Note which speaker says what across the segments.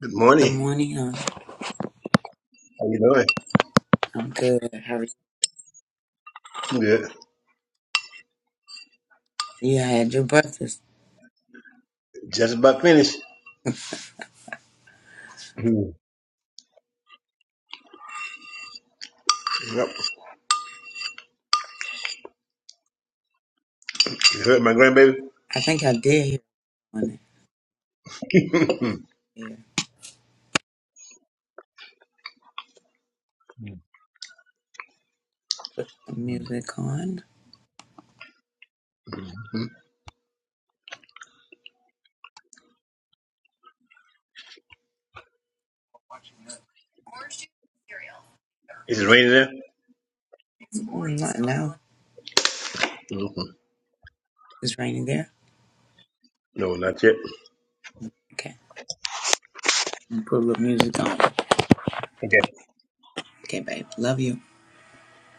Speaker 1: Good
Speaker 2: Good
Speaker 1: morning.
Speaker 2: morning. I'm,
Speaker 1: How you doing?
Speaker 2: I'm good. How are you?
Speaker 1: I'm good.
Speaker 2: Yeah, had your breakfast.
Speaker 1: Just about finished. Yep. You heard my grandbaby?
Speaker 2: I think I did hear it on it. Yeah. Put some music on.
Speaker 1: Hmm? Is it raining there?
Speaker 2: Oh, not now.
Speaker 1: hmm
Speaker 2: It's raining there.
Speaker 1: No, not yet.
Speaker 2: Okay. I'm gonna Put a little music on.
Speaker 1: Okay.
Speaker 2: Okay, babe. Love you.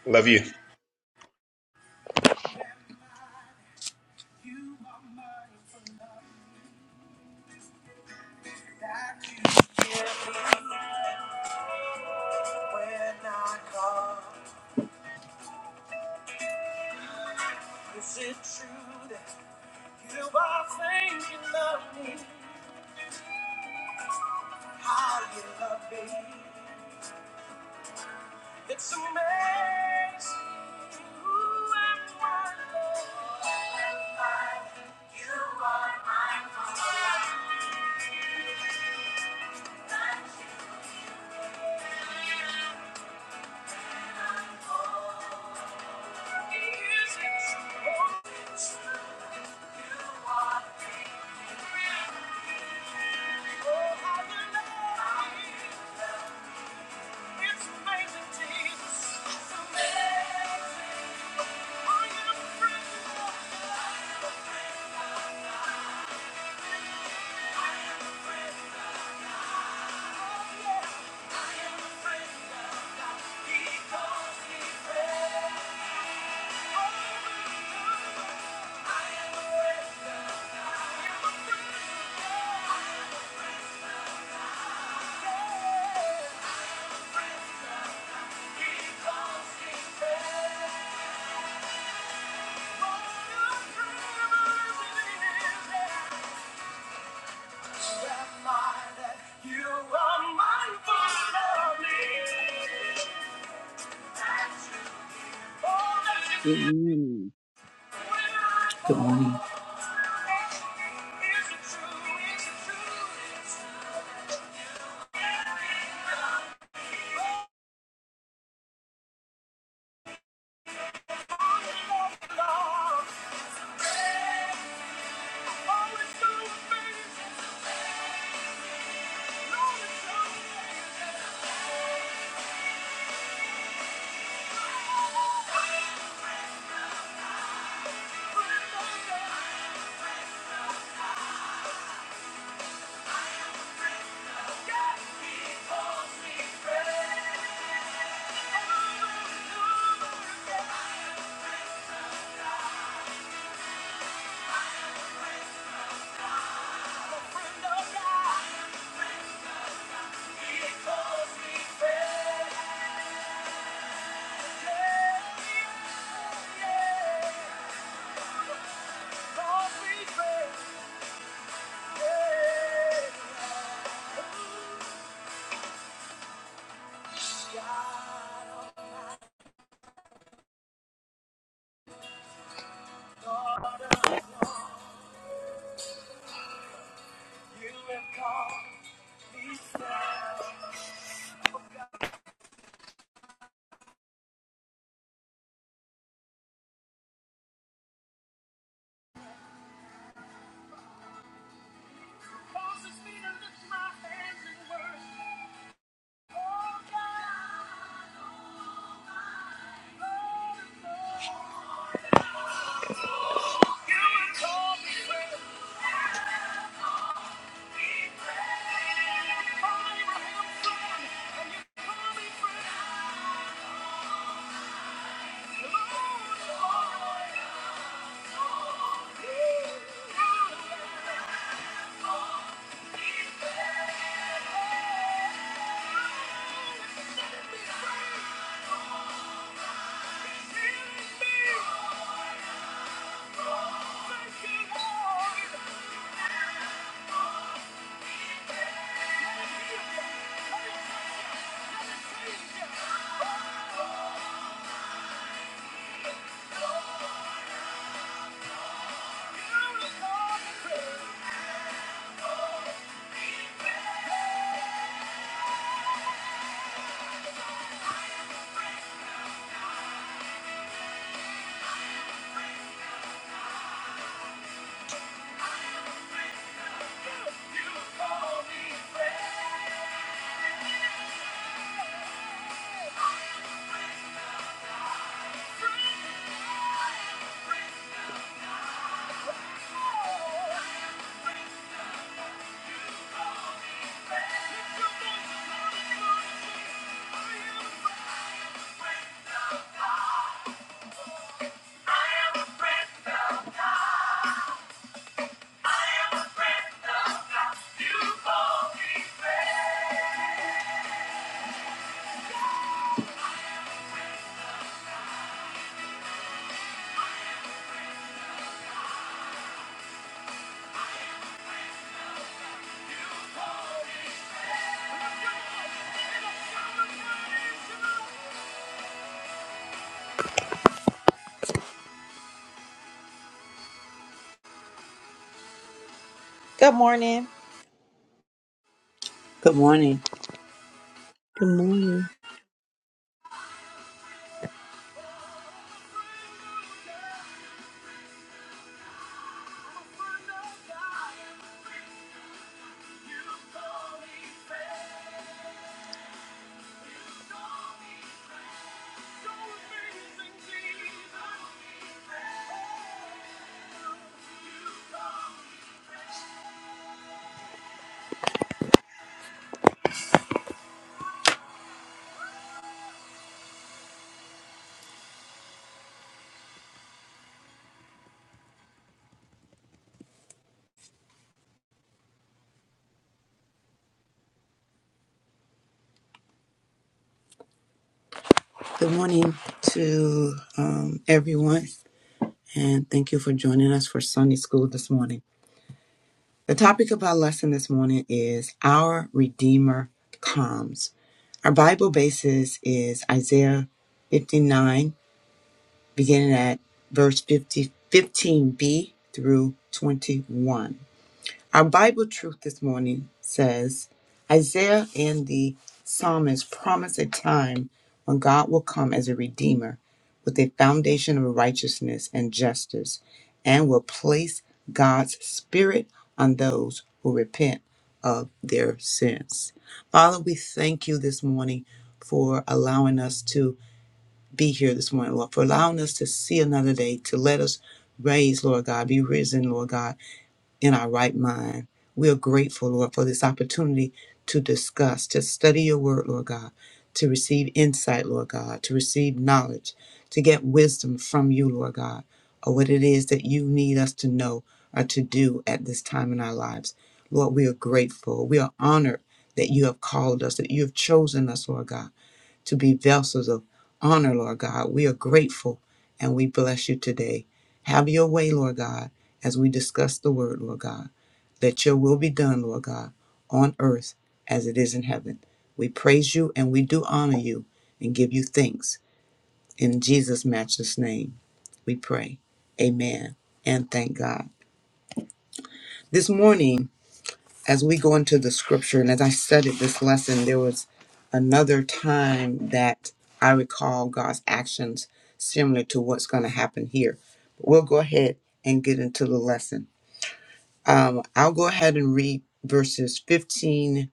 Speaker 1: Love you.
Speaker 2: Is it true that you are thinking of me? How you love me? It's amazing who and I Lord. Who am I? You are my Lord. Is it so true? You are faithful. Oh, how you love me. It's amazing, Jesus. It's amazing. I am free.
Speaker 3: Good morning.
Speaker 2: Good morning. Yeah. Thank you. I am a friend of God.
Speaker 4: Good morning.
Speaker 2: Good morning.
Speaker 5: Good morning.
Speaker 2: Good morning to um, everyone, and thank you for joining us for Sunday School this morning. The topic of our lesson this morning is Our Redeemer Comes. Our Bible basis is Isaiah 59, beginning at verse 50, 15b through 21. Our Bible truth this morning says Isaiah and the psalmist promise a time when God will come as a redeemer with a foundation of righteousness and justice and will place God's spirit on those who repent of their sins. Father, we thank you this morning for allowing us to be here this morning, Lord, for allowing us to see another day, to let us raise, Lord God, be risen, Lord God in our right mind. We are grateful, Lord, for this opportunity to discuss, to study your word, Lord God, to receive insight, Lord God, to receive knowledge, to get wisdom from you, Lord God, or what it is that you need us to know or to do at this time in our lives. Lord, we are grateful. We are honored that you have called us, that you have chosen us, Lord God, to be vessels of honor, Lord God. We are grateful and we bless you today. Have your way, Lord God, as we discuss the word, Lord God. Let your will be done, Lord God, on earth as it is in heaven. We praise you and we do honor you and give you thanks. In Jesus' matchless name, we pray. Amen. And thank God. This morning, as we go into the scripture, and as I studied this lesson, there was another time that I recall God's actions similar to what's going to happen here. But we'll go ahead and get into the lesson. Um, I'll go ahead and read verses 15,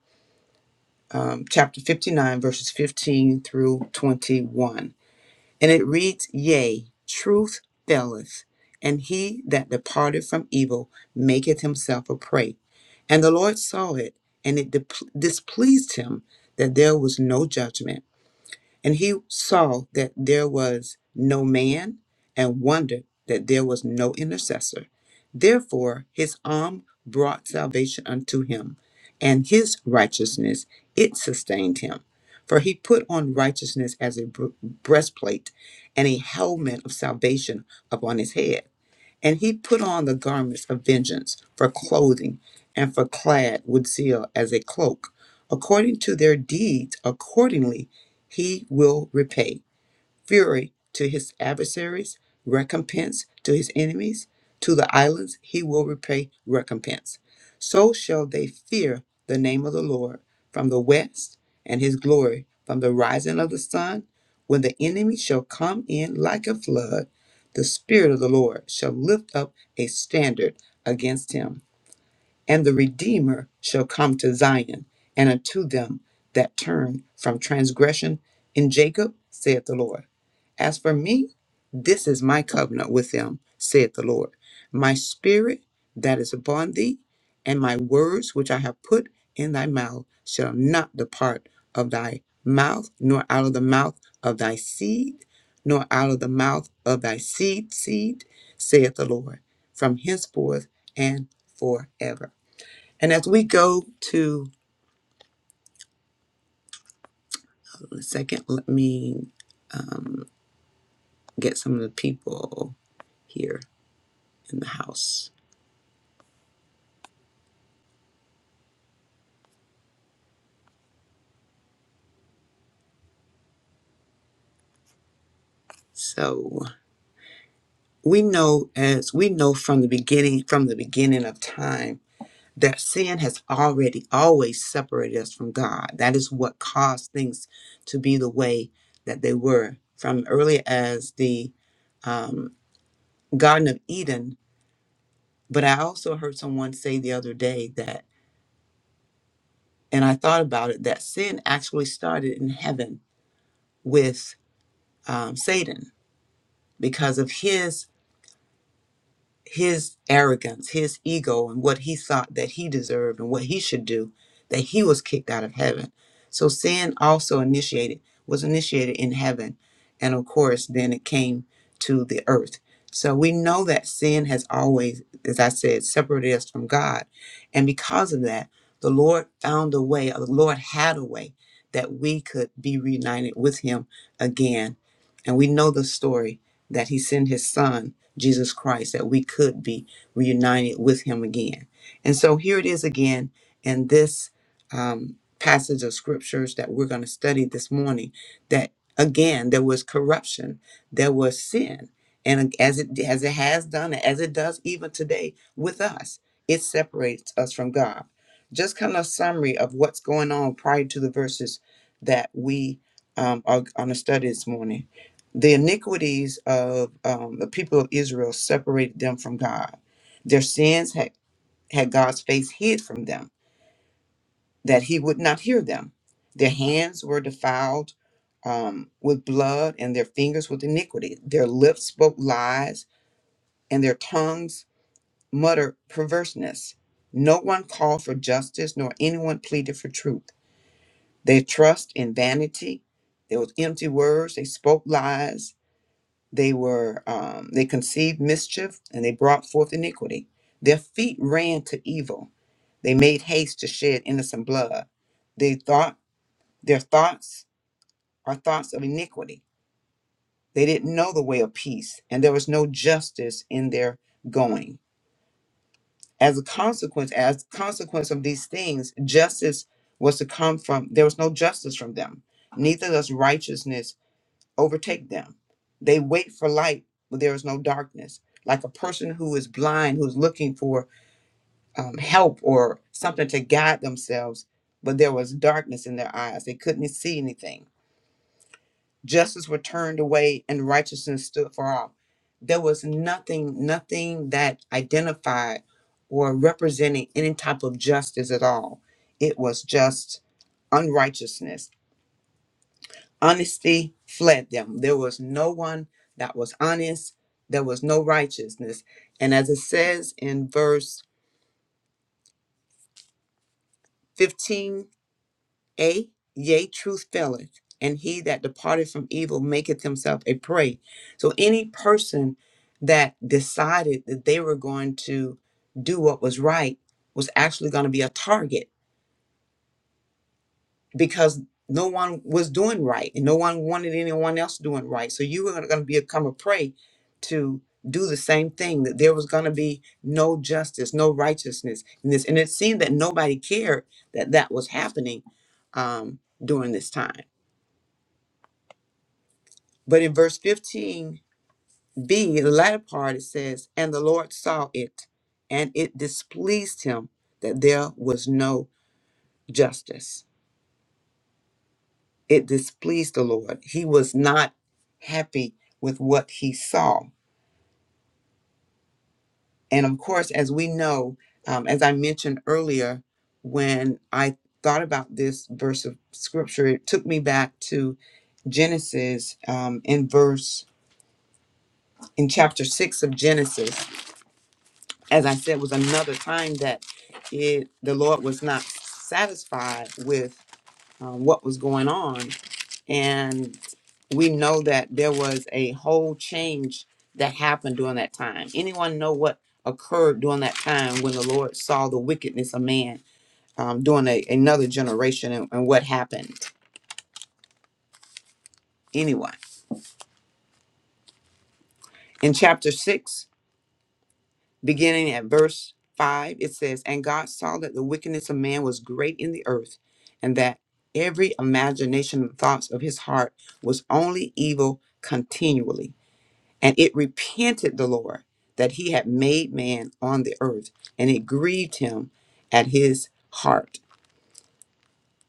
Speaker 2: um, chapter 59, verses 15 through 21. And it reads, Yea, truth faileth, and he that departed from evil maketh himself a prey. And the Lord saw it, and it dep displeased him that there was no judgment. And he saw that there was no man and wondered that there was no intercessor. Therefore, his arm brought salvation unto him, and his righteousness it sustained him. For he put on righteousness as a br- breastplate and a helmet of salvation upon his head. And he put on the garments of vengeance for clothing, and for clad with zeal as a cloak. According to their deeds, accordingly he will repay fury to his adversaries, recompense to his enemies. To the islands he will repay recompense. So shall they fear the name of the Lord from the west, and his glory from the rising of the sun. When the enemy shall come in like a flood, the Spirit of the Lord shall lift up a standard against him and the Redeemer shall come to Zion, and unto them that turn from transgression in Jacob, saith the Lord. As for me, this is my covenant with them, saith the Lord. My spirit that is upon thee, and my words which I have put in thy mouth, shall not depart of thy mouth, nor out of the mouth of thy seed, nor out of the mouth of thy seed, seed, saith the Lord, from henceforth and forever. And as we go to a second, let me um, get some of the people here in the house. So we know as we know from the beginning, from the beginning of time, that sin has already always separated us from God. That is what caused things to be the way that they were from early as the um, Garden of Eden. But I also heard someone say the other day that, and I thought about it, that sin actually started in heaven with um, Satan because of his his arrogance, his ego, and what he thought that he deserved and what he should do, that he was kicked out of heaven. So sin also initiated was initiated in heaven, and of course, then it came to the earth. So we know that sin has always, as I said, separated us from God, and because of that, the Lord found a way. The Lord had a way that we could be reunited with Him again, and we know the story that he sent his son, Jesus Christ, that we could be reunited with him again. And so here it is again in this um, passage of scriptures that we're going to study this morning that again there was corruption, there was sin. And as it as it has done, as it does even today with us, it separates us from God. Just kind of summary of what's going on prior to the verses that we um, are going to study this morning the iniquities of um, the people of Israel separated them from God. Their sins had, had God's face hid from them, that he would not hear them. Their hands were defiled um, with blood, and their fingers with iniquity. Their lips spoke lies, and their tongues muttered perverseness. No one called for justice, nor anyone pleaded for truth. They trust in vanity. There was empty words. They spoke lies They were um, they conceived mischief and they brought forth iniquity. Their feet ran to evil. They made haste to shed innocent blood. They thought their thoughts are thoughts of iniquity. They didn't know the way of peace, and there was no justice in their going. As a consequence, as consequence of these things, justice was to come from there was no justice from them. Neither does righteousness overtake them. They wait for light when there is no darkness. Like a person who is blind, who's looking for um, help or something to guide themselves, but there was darkness in their eyes. They couldn't see anything. Justice were turned away and righteousness stood far off. There was nothing, nothing that identified or represented any type of justice at all. It was just unrighteousness Honesty fled them. There was no one that was honest. There was no righteousness. And as it says in verse 15a, yea, truth faileth, and he that departed from evil maketh himself a prey. So any person that decided that they were going to do what was right was actually going to be a target because no one was doing right and no one wanted anyone else doing right. So you were going to become a prey to do the same thing that there was going to be no justice, no righteousness in this. And it seemed that nobody cared that that was happening um, during this time. But in verse 15b, the latter part, it says, And the Lord saw it, and it displeased him that there was no justice. it displeased the Lord. He was not happy with what he saw. And of course, as we know, um, as I mentioned earlier, when I thought about this verse of scripture, it took me back to Genesis um, in verse, in chapter six of Genesis. As I said, was another time that it, the Lord was not satisfied with um, what was going on. And we know that there was a whole change that happened during that time. Anyone know what occurred during that time when the Lord saw the wickedness of man um, during a, another generation and, and what happened? Anyone? In chapter 6, beginning at verse 5, it says, And God saw that the wickedness of man was great in the earth, and that every imagination and thoughts of his heart was only evil continually. And it repented the Lord that he had made man on the earth, and it grieved him at his heart.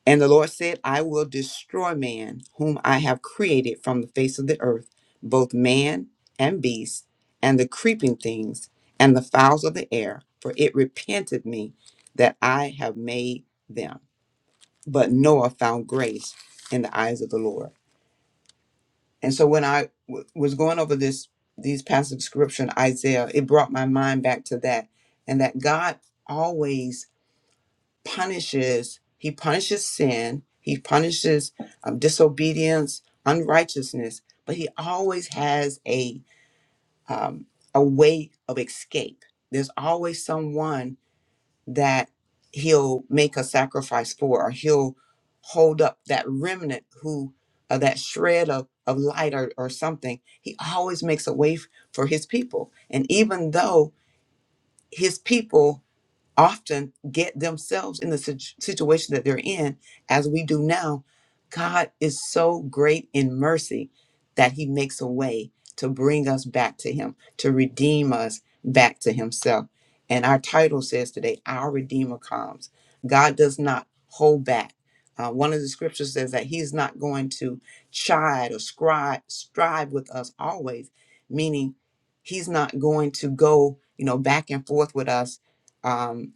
Speaker 2: And the Lord said, I will destroy man, whom I have created from the face of the earth, both man and beast, and the creeping things, and the fowls of the air, for it repented me that I have made them. But Noah found grace in the eyes of the Lord. And so when I w- was going over this these passages of scripture in Isaiah, it brought my mind back to that, and that God always punishes. He punishes sin. He punishes um, disobedience, unrighteousness, but He always has a um, a way of escape. There's always someone that he'll make a sacrifice for or he'll hold up that remnant who uh, that shred of, of light or, or something he always makes a way f- for his people and even though his people often get themselves in the sit- situation that they're in as we do now god is so great in mercy that he makes a way to bring us back to him to redeem us back to himself and our title says today our redeemer comes god does not hold back Uh, one of the scriptures says that he's not going to chide or scribe, strive with us always meaning he's not going to go you know back and forth with us um,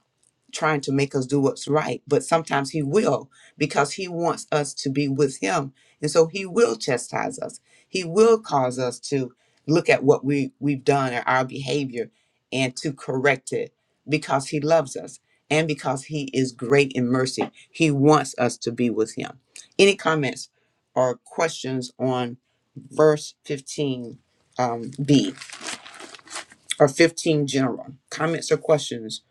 Speaker 2: trying to make us do what's right, but sometimes He will because He wants us to be with Him. And so He will chastise us, He will cause us to look at what we, we've done or our behavior and to correct it because He loves us and because He is great in mercy. He wants us to be with Him. Any comments or questions on verse 15? Um, B or 15 general comments or questions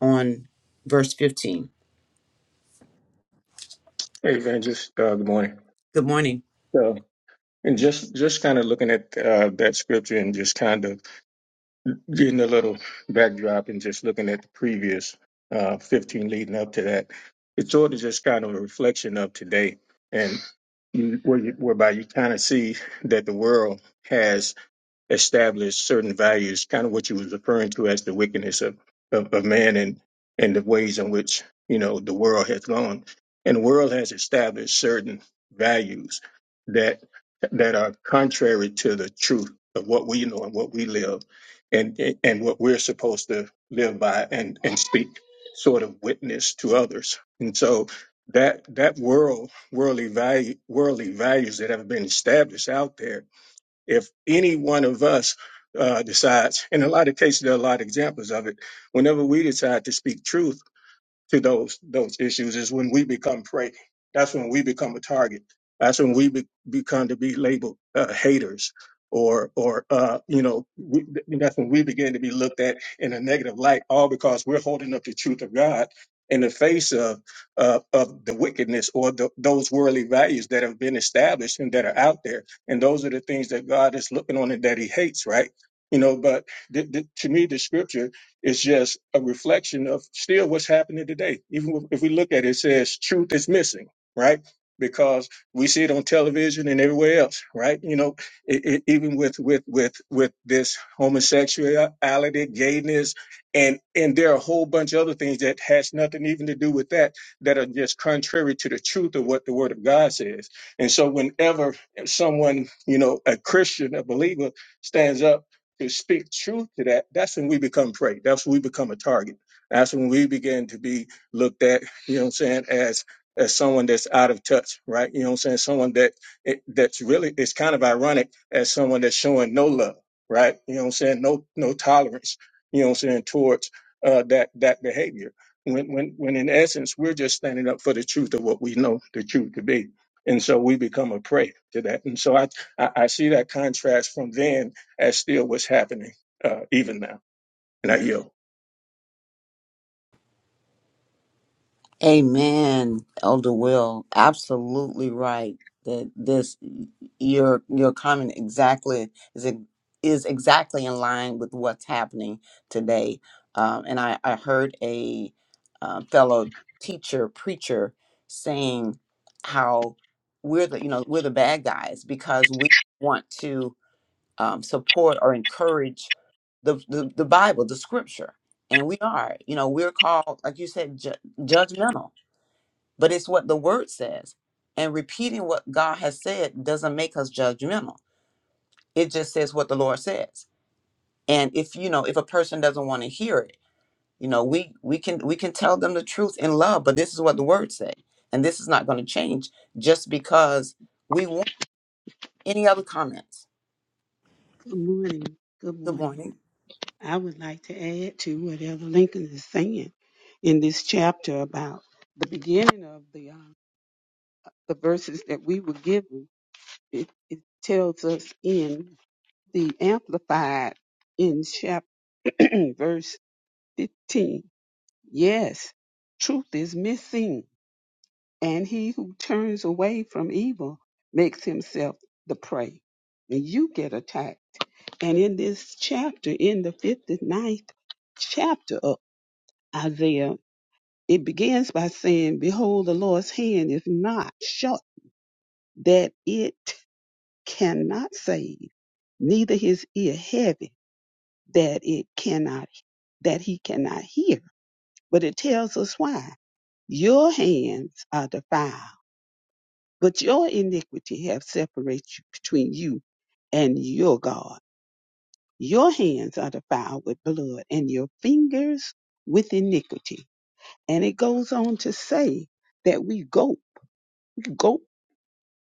Speaker 2: on verse 15.
Speaker 6: Hey, Evangelist, uh, good morning.
Speaker 2: Good morning.
Speaker 6: So, and just just kind of looking at uh, that scripture and just kind of getting a little backdrop and just looking at the previous uh, 15 leading up to that, it's sort of just kind of a reflection of today and you, where you, whereby you kind of see that the world has establish certain values, kind of what you was referring to as the wickedness of, of, of man and, and the ways in which, you know, the world has gone. And the world has established certain values that that are contrary to the truth of what we know and what we live and and what we're supposed to live by and, and speak sort of witness to others. And so that that world worldly value worldly values that have been established out there if any one of us uh, decides, in a lot of cases, there are a lot of examples of it. Whenever we decide to speak truth, to those those issues is when we become prey. That's when we become a target. That's when we be, become to be labeled uh, haters, or or uh, you know we, that's when we begin to be looked at in a negative light, all because we're holding up the truth of God in the face of uh, of the wickedness or the, those worldly values that have been established and that are out there, and those are the things that God is looking on and that He hates, right? You know, but th- th- to me, the scripture it's just a reflection of still what's happening today. Even if we look at it, it says truth is missing, right? Because we see it on television and everywhere else, right? You know, it, it, even with with with with this homosexuality, gayness, and and there are a whole bunch of other things that has nothing even to do with that that are just contrary to the truth of what the Word of God says. And so, whenever someone, you know, a Christian, a believer, stands up to speak truth to that, that's when we become prey. That's when we become a target. That's when we begin to be looked at, you know what I'm saying, as as someone that's out of touch, right? You know what I'm saying? Someone that it, that's really it's kind of ironic as someone that's showing no love, right? You know what I'm saying? No no tolerance, you know what I'm saying, towards uh that that behavior. When when when in essence we're just standing up for the truth of what we know the truth to be. And so we become a prey to that. And so I I, I see that contrast from then as still what's happening uh, even now. And I yield.
Speaker 2: Amen, Elder Will. Absolutely right. That this your your comment exactly is ex- is exactly in line with what's happening today. Um, and I I heard a uh, fellow teacher preacher saying how we're the you know we're the bad guys because we want to. um, support or encourage the, the the Bible, the Scripture, and we are. You know, we're called, like you said, ju- judgmental, but it's what the Word says. And repeating what God has said doesn't make us judgmental. It just says what the Lord says. And if you know, if a person doesn't want to hear it, you know, we we can we can tell them the truth in love, but this is what the Word say, and this is not going to change just because we want. Any other comments?
Speaker 3: Good morning. Good
Speaker 2: Good
Speaker 3: morning.
Speaker 2: morning.
Speaker 3: I would like to add to whatever Lincoln is saying in this chapter about the beginning of the uh, the verses that we were given. It, it tells us in the Amplified in chapter verse 15. Yes, truth is missing And he who turns away from evil makes himself the prey. And you get attacked. And in this chapter, in the fifty-ninth chapter of Isaiah, it begins by saying, Behold, the Lord's hand is not short that it cannot save, neither his ear heavy that it cannot, that he cannot hear. But it tells us why. Your hands are defiled But your iniquity have separated you- between you and your God. Your hands are defiled with blood, and your fingers with iniquity. And it goes on to say that we go go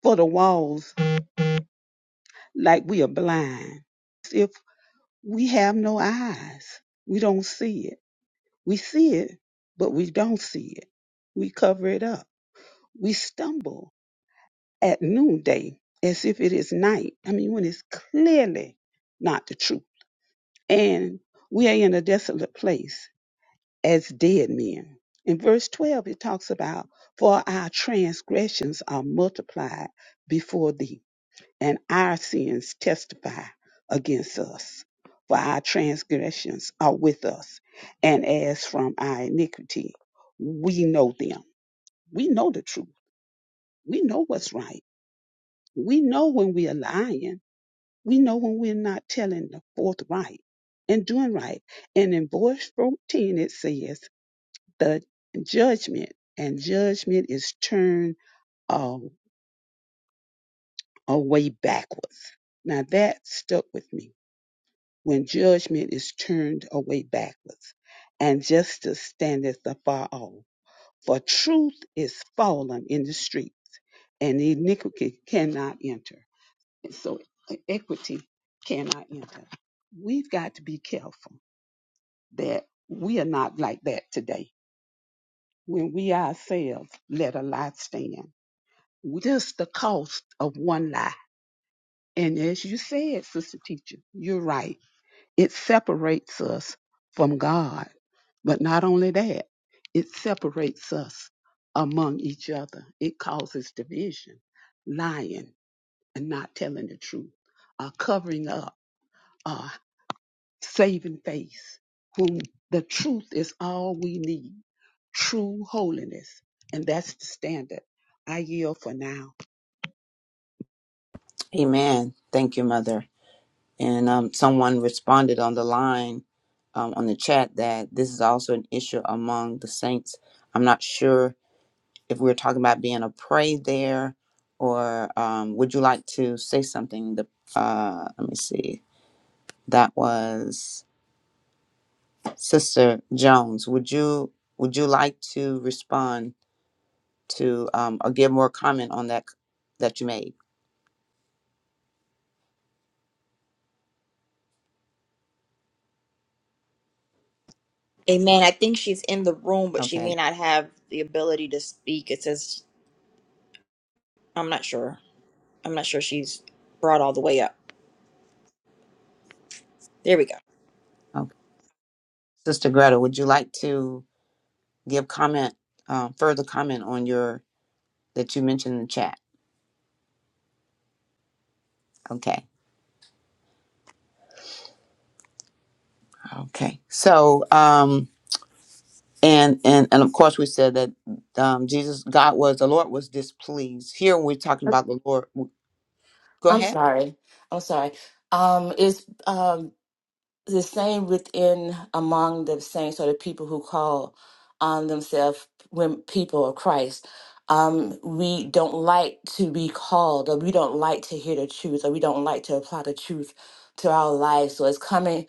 Speaker 3: for the walls like we are blind. If we have no eyes, we don't see it. We see it, but we don't see it. We cover it up. We stumble at noonday as if it is night. I mean, when it's clearly not the truth. And we are in a desolate place as dead men. In verse 12, it talks about, For our transgressions are multiplied before thee, and our sins testify against us. For our transgressions are with us, and as from our iniquity, we know them. We know the truth. We know what's right. We know when we are lying We know when we're not telling the fourth right and doing right. And in verse 14, it says, the judgment, and judgment is turned um, away backwards. Now that stuck with me when judgment is turned away backwards, and justice standeth afar off. For truth is fallen in the streets, and iniquity cannot enter. And so e-, equity cannot enter. We've got to be careful that we are not like that today. When we ourselves let a lie stand, just the cost of one lie. And as you said, Sister Teacher, you're right. It separates us from God. But not only that, it separates us among each other. It causes division, lying and not telling the truth, uh, covering up. uh, saving faith, whom the truth is all we need, true holiness, and that's the standard. I yield for now.
Speaker 2: Amen. Thank you, Mother. And um, someone responded on the line, um, on the chat, that this is also an issue among the saints. I'm not sure if we're talking about being a prey there, or um, would you like to say something? The uh, let me see. That was Sister Jones. Would you would you like to respond to um, or give more comment on that that you made?
Speaker 4: Amen. I think she's in the room, but she
Speaker 2: Okay.
Speaker 4: may not have the ability to speak. It says, I'm not sure. I'm not sure she's brought all the way up. There we go.
Speaker 2: Okay. Sister Greta, would you like to give comment um, further comment on your? that you mentioned in the chat. Okay. Okay. So, um, and and and of course, we said that um, Jesus, God was the Lord was displeased. Here, when we're talking about the Lord, go
Speaker 7: I'm
Speaker 2: ahead.
Speaker 7: sorry. I'm sorry. Um, it's um, the same within among the saints or the people who call on themselves when people of Christ. Um, we don't like to be called, or we don't like to hear the truth, or we don't like to apply the truth to our lives. So it's coming.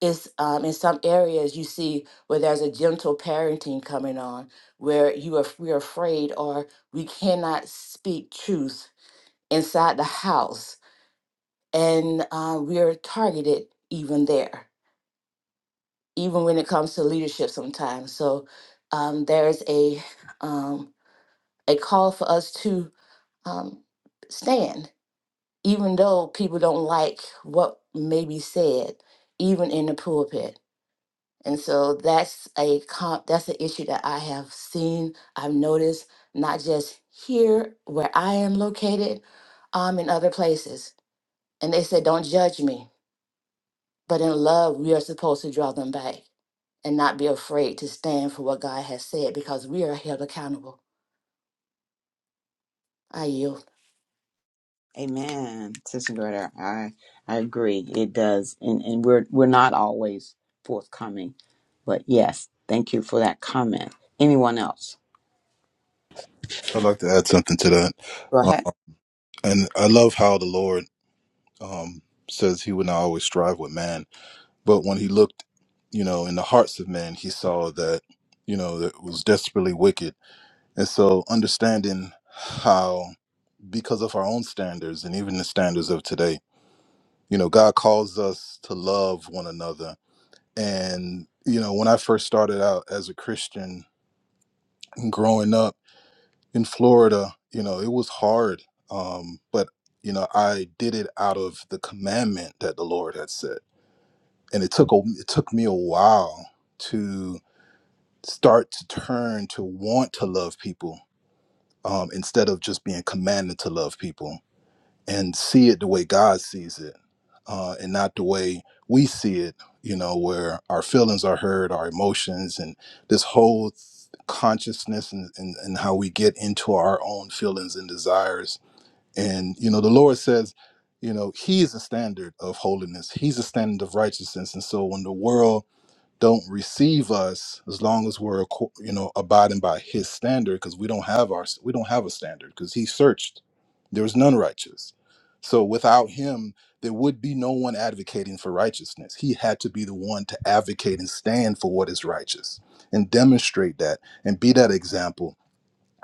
Speaker 7: It's um, in some areas you see where there's a gentle parenting coming on, where you are we're afraid or we cannot speak truth inside the house and uh, we're targeted even there, even when it comes to leadership sometimes. So um, there's a um, a call for us to um, stand, even though people don't like what may be said, even in the pulpit. And so that's a comp, that's an issue that I have seen, I've noticed, not just here where I am located, um, in other places. And they said, "Don't judge me." But in love, we are supposed to draw them back and not be afraid to stand for what God has said because we are held accountable. I yield.
Speaker 2: Amen, Sister Greta. I I agree. It does, and and we're we're not always forthcoming, but yes, thank you for that comment. Anyone else?
Speaker 8: I'd like to add something to that.
Speaker 2: Go
Speaker 8: Uh,
Speaker 2: ahead.
Speaker 8: and I love how the Lord um, says he would not always strive with man, but when he looked, you know, in the hearts of men, he saw that, you know, that it was desperately wicked. And so understanding how, because of our own standards and even the standards of today, you know, God calls us to love one another. And, you know, when I first started out as a Christian growing up, in Florida, you know, it was hard. Um, but you know, I did it out of the commandment that the Lord had said, and it took a, it took me a while to start to turn to want to love people um, instead of just being commanded to love people and see it the way God sees it, uh, and not the way we see it. You know, where our feelings are hurt, our emotions, and this whole consciousness, and, and and how we get into our own feelings and desires. And you know, the Lord says, you know, He is the standard of holiness. He's the standard of righteousness. And so, when the world don't receive us as long as we're acco- you know abiding by his standard because we don't have our we don't have a standard because he searched there was none righteous so without him there would be no one advocating for righteousness he had to be the one to advocate and stand for what is righteous and demonstrate that and be that example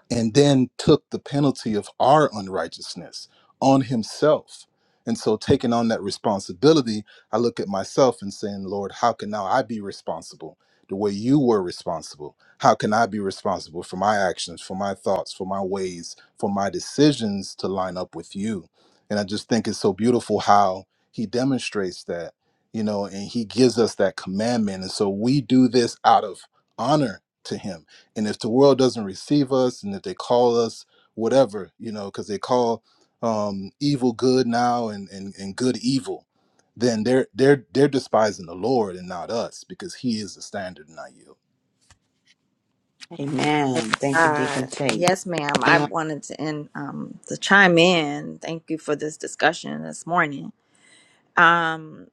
Speaker 8: and then took the penalty of our unrighteousness on himself. And so, taking on that responsibility, I look at myself and saying, Lord, how can now I be responsible the way you were responsible? How can I be responsible for my actions, for my thoughts, for my ways, for my decisions to line up with you? And I just think it's so beautiful how he demonstrates that, you know, and he gives us that commandment. And so we do this out of honor to him and if the world doesn't receive us, and if they call us whatever, you know, because they call um, evil good now and, and and good evil, then they're they're they're despising the Lord and not us because He is the standard, not you.
Speaker 2: Amen.
Speaker 4: Uh,
Speaker 2: Thank you, Deacon Tate.
Speaker 4: Yes, ma'am. I
Speaker 2: Anyone?
Speaker 4: wanted to end um to chime in. Thank you for this discussion this morning. Um,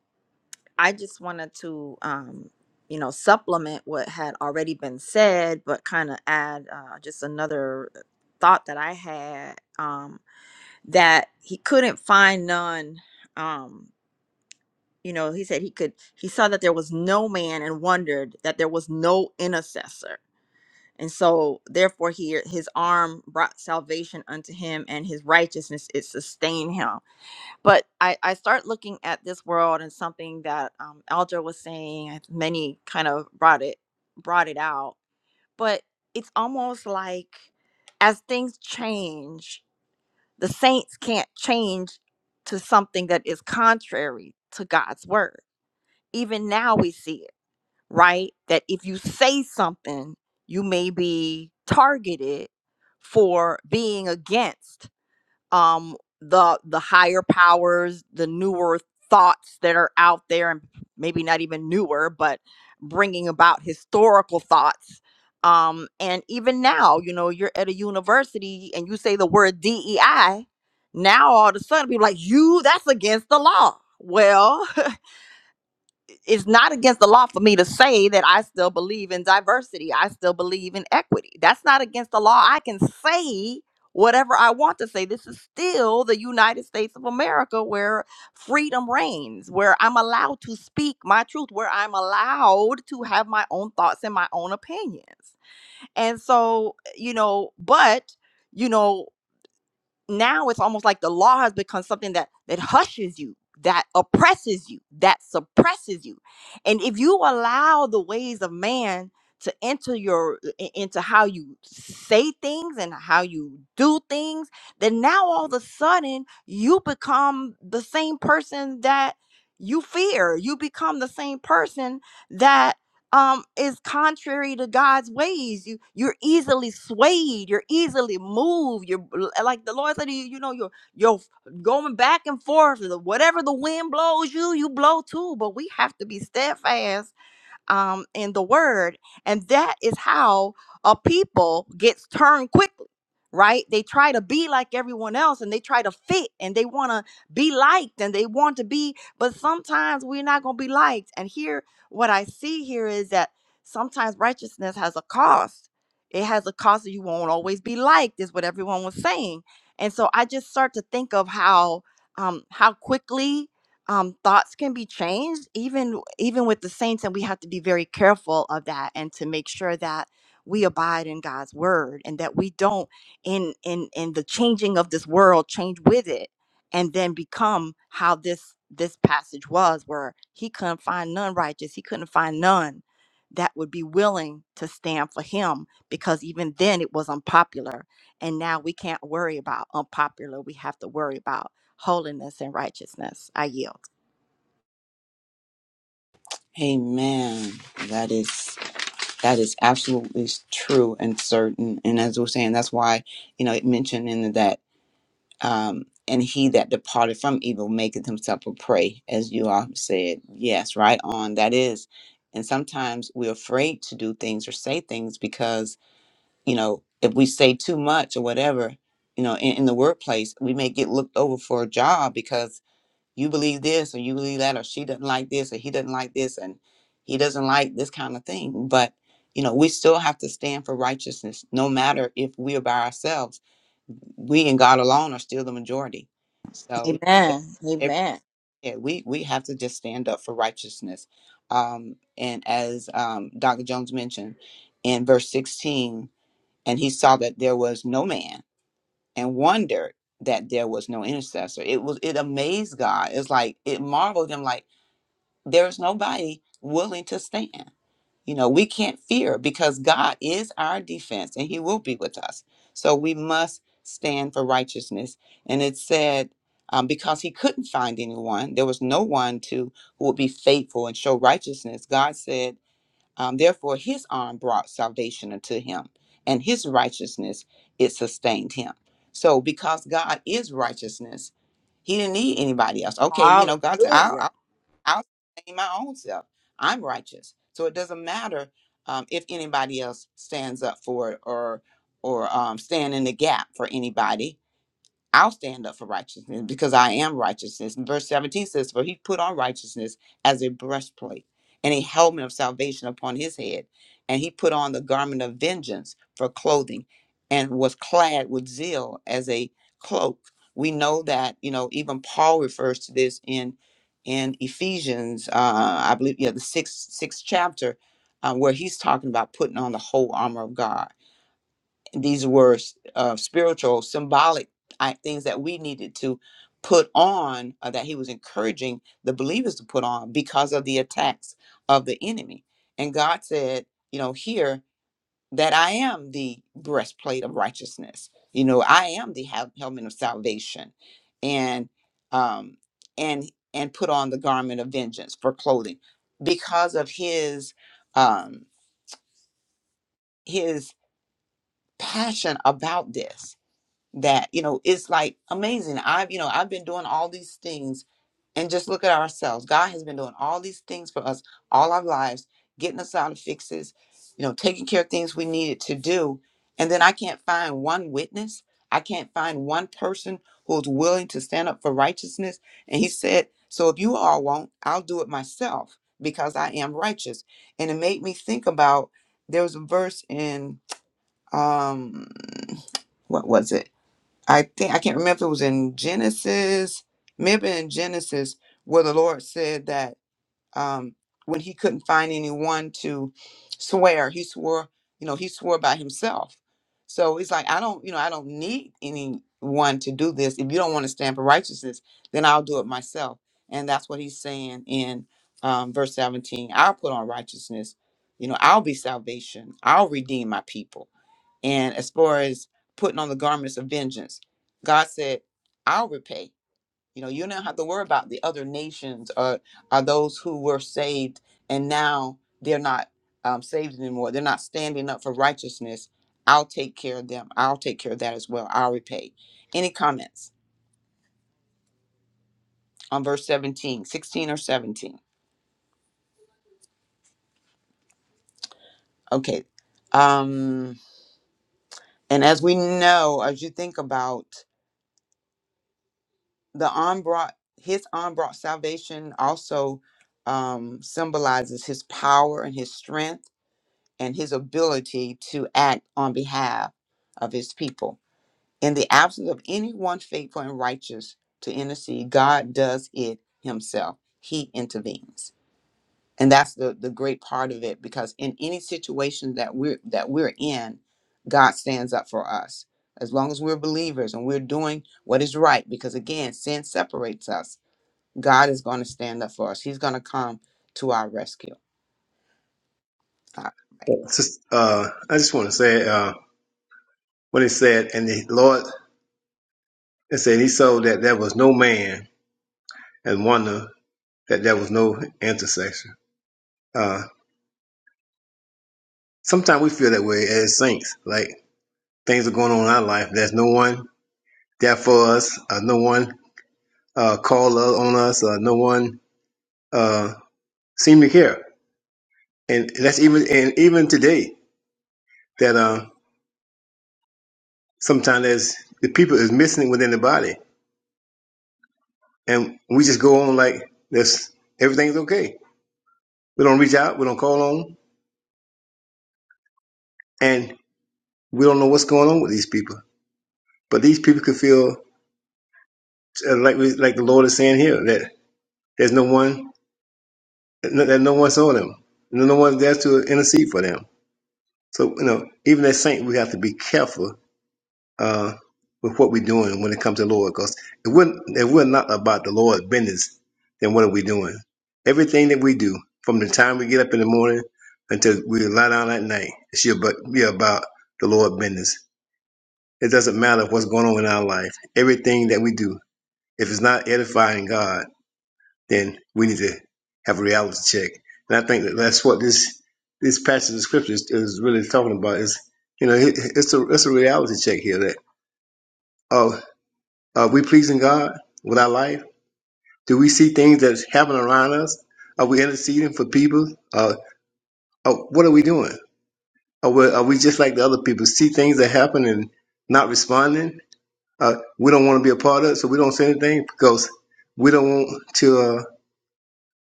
Speaker 4: I just wanted to um, you know, supplement what had already been said, but kind of add uh, just another thought that I had. Um. that he couldn't find none um you know he said he could he saw that there was no man and wondered that there was no intercessor and so therefore he his arm brought salvation unto him and his righteousness it sustained him but i i start looking at this world and something that um elder was saying and many kind of brought it brought it out but it's almost like as things change the saints can't change to something that is contrary to God's word. Even now we see it, right? That if you say something, you may be targeted for being against um the the higher powers the newer thoughts that are out there and maybe not even newer but bringing about historical thoughts um and even now you know you're at a university and you say the word DEI now all of a sudden people like you that's against the law well it's not against the law for me to say that I still believe in diversity. I still believe in equity. That's not against the law. I can say whatever I want to say. This is still the United States of America where freedom reigns, where I'm allowed to speak my truth, where I'm allowed to have my own thoughts and my own opinions. And so, you know, but you know now it's almost like the law has become something that that hushes you that oppresses you that suppresses you and if you allow the ways of man to enter your i- into how you say things and how you do things then now all of a sudden you become the same person that you fear you become the same person um is contrary to God's ways. You you're easily swayed, you're easily moved. You're like the Lord said to you, you know, you're you're going back and forth. Whatever the wind blows you, you blow too. But we have to be steadfast um, in the word and that is how a people gets turned quickly right they try to be like everyone else and they try to fit and they want to be liked and they want to be but sometimes we're not going to be liked and here what i see here is that sometimes righteousness has a cost it has a cost that you won't always be liked is what everyone was saying and so i just start to think of how um how quickly um, thoughts can be changed even even with the saints and we have to be very careful of that and to make sure that we abide in god's word and that we don't in in in the changing of this world change with it and then become how this this passage was where he couldn't find none righteous he couldn't find none that would be willing to stand for him because even then it was unpopular and now we can't worry about unpopular we have to worry about holiness and righteousness i yield
Speaker 2: Amen. That is. That is absolutely true and certain. And as we're saying, that's why, you know, it mentioned in that, um, and he that departed from evil maketh himself a prey, as you all have said. Yes, right on. That is. And sometimes we're afraid to do things or say things because, you know, if we say too much or whatever, you know, in, in the workplace, we may get looked over for a job because you believe this or you believe that or she doesn't like this or he doesn't like this and he doesn't like this kind of thing but you know we still have to stand for righteousness no matter if we are by ourselves we and god alone are still the majority so e-
Speaker 4: Amen.
Speaker 2: every-
Speaker 4: Amen.
Speaker 2: yeah, we we have to just stand up for righteousness um and as um dr jones mentioned in verse 16 and he saw that there was no man and wondered that there was no intercessor. It was it amazed God. It's like it marveled him like there's nobody willing to stand. You know, we can't fear because God is our defense and he will be with us. So we must stand for righteousness. And it said, um, because he couldn't find anyone, there was no one to who would be faithful and show righteousness. God said, um, therefore, his arm brought salvation unto him, and his righteousness it sustained him. So, because God is righteousness, he didn't need anybody else. Okay, you know, God said, I'll,
Speaker 4: Hallelujah.
Speaker 2: I'll say my own self. I'm righteous. So it doesn't matter um, if anybody else stands up for it or or um, stand in the gap for anybody. I'll stand up for righteousness because I am righteousness. And verse 17 says, For he put on righteousness as a breastplate and a helmet of salvation upon his head. And he put on the garment of vengeance for clothing and was clad with zeal as a cloak. We know that, you know, even Paul refers to this in in Ephesians, uh, I believe, yeah, the sixth, sixth chapter, uh, where he's talking about putting on the whole armor of God these were uh, spiritual, symbolic I, things that we needed to put on, uh, that he was encouraging the believers to put on because of the attacks of the enemy. And God said, you know, here that I am the breastplate of righteousness. You know, I am the hel- helmet of salvation, and um, and and put on the garment of vengeance for clothing because of his um, his passion about this that you know it's like amazing i've you know i've been doing all these things and just look at ourselves god has been doing all these things for us all our lives getting us out of fixes you know taking care of things we needed to do and then i can't find one witness i can't find one person who's willing to stand up for righteousness and he said so if you all won't i'll do it myself because i am righteous and it made me think about there was a verse in um what was it I think I can't remember if it was in Genesis, maybe in Genesis, where the Lord said that um, when He couldn't find anyone to swear, He swore, you know, He swore by Himself. So He's like, I don't, you know, I don't need anyone to do this. If you don't want to stand for righteousness, then I'll do it myself. And that's what He's saying in um, verse 17. I'll put on righteousness. You know, I'll be salvation. I'll redeem my people. And as far as putting on the garments of vengeance, God said, I'll repay. You know, you don't have to worry about the other nations or, or those who were saved and now they're not um, saved anymore. They're not standing up for righteousness. I'll take care of them. I'll take care of that as well. I'll repay. Any comments on verse seventeen, sixteen, or 17? Okay. Um, and as we know, as you think about the unbrought his unbrought salvation also um, symbolizes his power and his strength and his ability to act on behalf of his people in the absence of anyone faithful and righteous to intercede god does it himself he intervenes and that's the, the great part of it because in any situation that we're that we're in god stands up for us as long as we're believers and we're doing what is right because again sin separates us God is going to stand up for us. He's going to come to our rescue. All right.
Speaker 1: It's just, uh, I just want to say uh, when it said, and the Lord, it said he saw that there was no man and wonder that there was no intersection. Uh, sometimes we feel that way as saints. Like things are going on in our life. There's no one there for us. Uh, no one uh, call on us. Uh, no one uh, seem to care. and that's even and even today that uh sometimes there's the people is missing within the body and we just go on like this everything's okay we don't reach out we don't call on and we don't know what's going on with these people but these people could feel uh, like we, like the lord is saying here that there's no one no, that no one saw them no no one's there to intercede for them so you know even as saint we have to be careful uh, with what we're doing when it comes to the Lord. Because if we're, if we're not about the Lord business, then what are we doing? Everything that we do, from the time we get up in the morning until we lie down at night, it should bu- be about the Lord business. It doesn't matter what's going on in our life. Everything that we do, if it's not edifying God, then we need to have a reality check. And I think that that's what this this passage of scripture is, is really talking about. Is you know, it, it's a it's a reality check here that. oh, Are we pleasing God with our life? Do we see things that's happening around us? Are we interceding for people? Uh, uh, what are we doing? Are we, are we just like the other people? See things that happen and not responding? Uh, we don't want to be a part of it, so we don't say anything because we don't want to uh,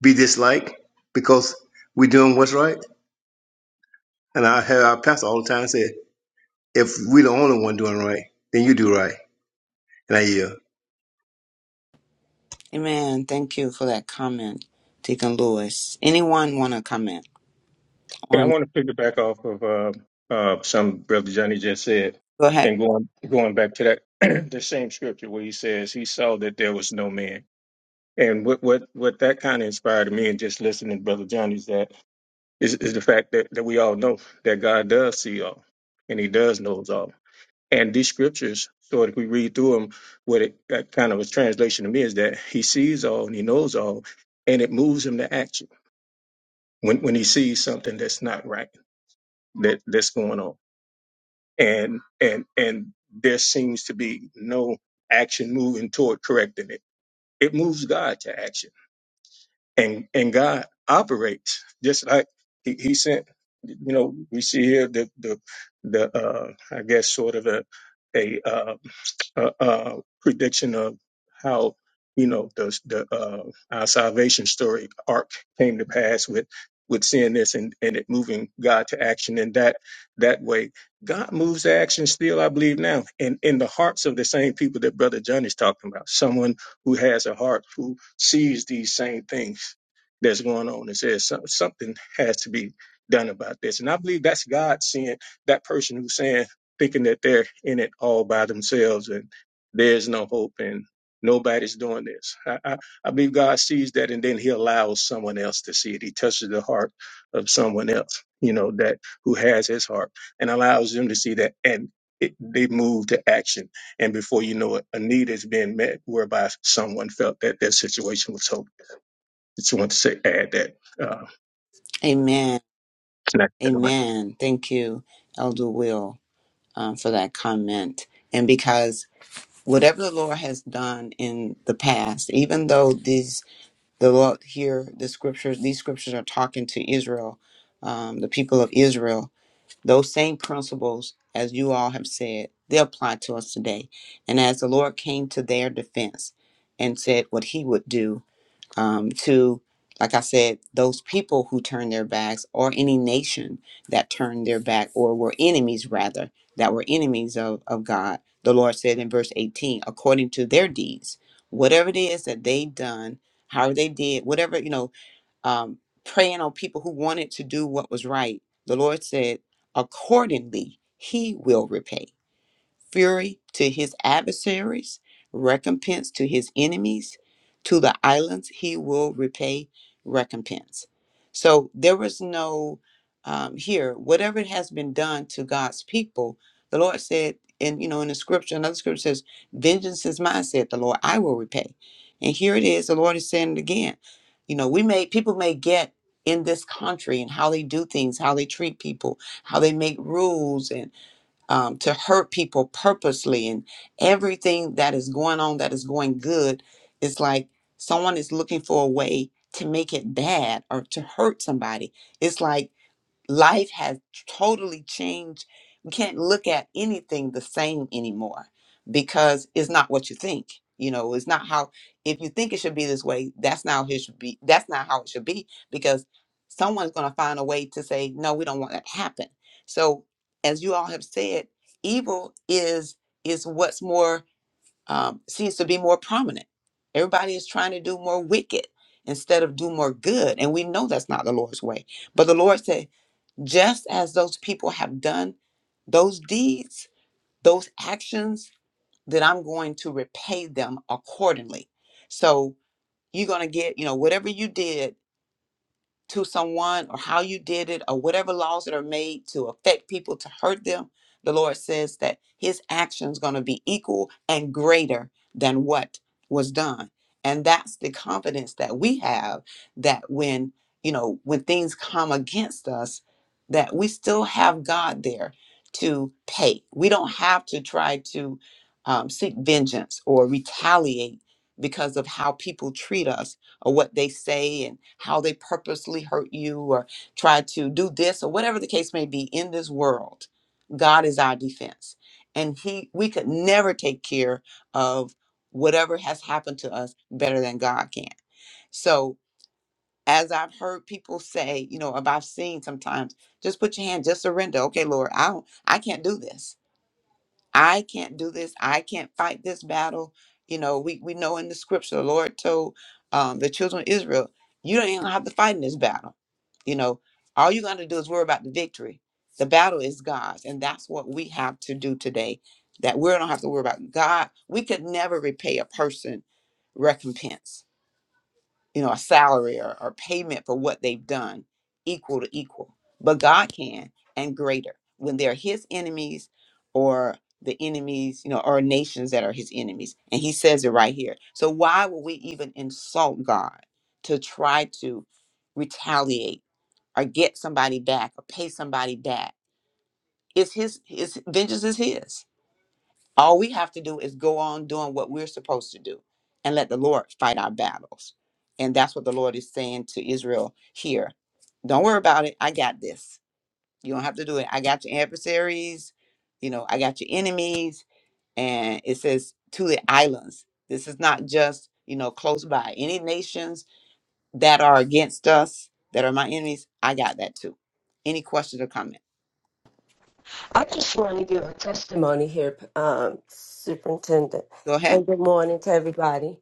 Speaker 1: be disliked because we're doing what's right. And I hear our pastor all the time say, if we're the only one doing right, then you do right. And I hear.
Speaker 2: Amen. Thank you for that comment, Deacon Lewis. Anyone want to comment
Speaker 6: Yeah, I
Speaker 2: on?
Speaker 6: want to pick it back off of uh, uh, some brother Johnny just said,
Speaker 2: Go ahead.
Speaker 6: and going going back to that the same scripture where he says he saw that there was no man, and what what what that kind of inspired me, and just listening to brother Johnny's that is, is the fact that that we all know that God does see all, and He does knows all, and these scriptures. So if we read through them, what it that kind of was translation to me is that He sees all and He knows all, and it moves Him to action when when he sees something that's not right that that's going on and and and there seems to be no action moving toward correcting it it moves god to action and and God operates just like he, he sent. You know, we see here the the the uh, I guess sort of a a, uh, a, a prediction of how you know the the uh, our salvation story arc came to pass with with seeing this and and it moving God to action in that that way. God moves to action still, I believe now, in in the hearts of the same people that Brother John is talking about. Someone who has a heart who sees these same things that's going on and says "Some- something has to be done about this. And I believe that's God seeing that person who's saying, thinking that they're in it all by themselves and there's no hope and nobody's doing this. I, I, I believe God sees that and then he allows someone else to see it. He touches the heart of someone else, you know, that who has his heart and allows them to see that and it, they move to action and before you know it, a need is being met whereby someone felt that their situation was hopeless. Just want to say, add that. Uh,
Speaker 2: Amen.
Speaker 6: connect that around.
Speaker 2: Amen. Thank you, Elder Will, um, for that comment. And because whatever the Lord has done in the past, even though these the Lord here the scriptures, these scriptures are talking to Israel, um, the people of Israel. Those same principles, as you all have said, they apply to us today. And as the Lord came to their defense and said what he would do um, to, like I said, those people who turned their backs or any nation that turned their back or were enemies, rather, that were enemies of, of God, the Lord said in verse 18, according to their deeds, whatever it is that they done, however they did, whatever, you know, um, preying on people who wanted to do what was right. The Lord said, accordingly, He will repay fury to his adversaries, recompense to his enemies. To the islands he will repay recompense. So there was no um, here, whatever it has been done to God's people, the Lord said, and you know, in the scripture, another scripture says, Vengeance is mine, said the Lord, I will repay. And here it is, the Lord is saying it again. You know, we may, people may get in this country and how they do things, how they treat people, how they make rules and um, to hurt people purposely and everything that is going on that is going good is like someone is looking for a way to make it bad or to hurt somebody it's like life has totally changed. We can't look at anything the same anymore because it's not what you think. You know, it's not how if you think it should be this way, that's not how it should be. That's not how it should be because someone's going to find a way to say, "No, we don't want that to happen." So, as you all have said, evil is is what's more um, seems to be more prominent. Everybody is trying to do more wicked instead of do more good, and we know that's not the Lord's way. But the Lord said just as those people have done those deeds, those actions, that I'm going to repay them accordingly. So you're going to get, you know, whatever you did to someone or how you did it or whatever laws that are made to affect people to hurt them the lord says that his action's going to be equal and greater than what was done and that's the confidence that we have that when you know when things come against us that we still have god there to pay we don't have to try to um, seek vengeance or retaliate because of how people treat us or what they say and how they purposely hurt you or try to do this or whatever the case may be in this world god is our defense and he we could never take care of whatever has happened to us better than god can so as i've heard people say you know about seeing sometimes just put your hand just surrender okay lord i don't i can't do this I can't do this. I can't fight this battle. You know, we, we know in the scripture, the Lord told um, the children of Israel, you don't even have to fight in this battle. You know, all you're going to do is worry about the victory. The battle is God's. And that's what we have to do today, that we don't have to worry about God. We could never repay a person recompense you know, a salary or, or payment for what they've done, equal to equal. But God can and greater when they're his enemies or the enemies, you know, or nations that are his enemies. And he says it right here. So why would we even insult God to try to retaliate or get somebody back or pay somebody back? It's his his vengeance is his. All we have to do is go on doing what we're supposed to do and let the Lord fight our battles. And that's what the Lord is saying to Israel here. Don't worry about it. I got this. You don't have to do it. I got your adversaries. You know, I got your enemies. And it says to the islands. This is not just, you know, close by. Any nations that are against us, that are my enemies, I got that too. Any questions or comments?
Speaker 9: I just want to give a testimony here, um, Superintendent,
Speaker 2: Go ahead.
Speaker 9: and good morning to everybody.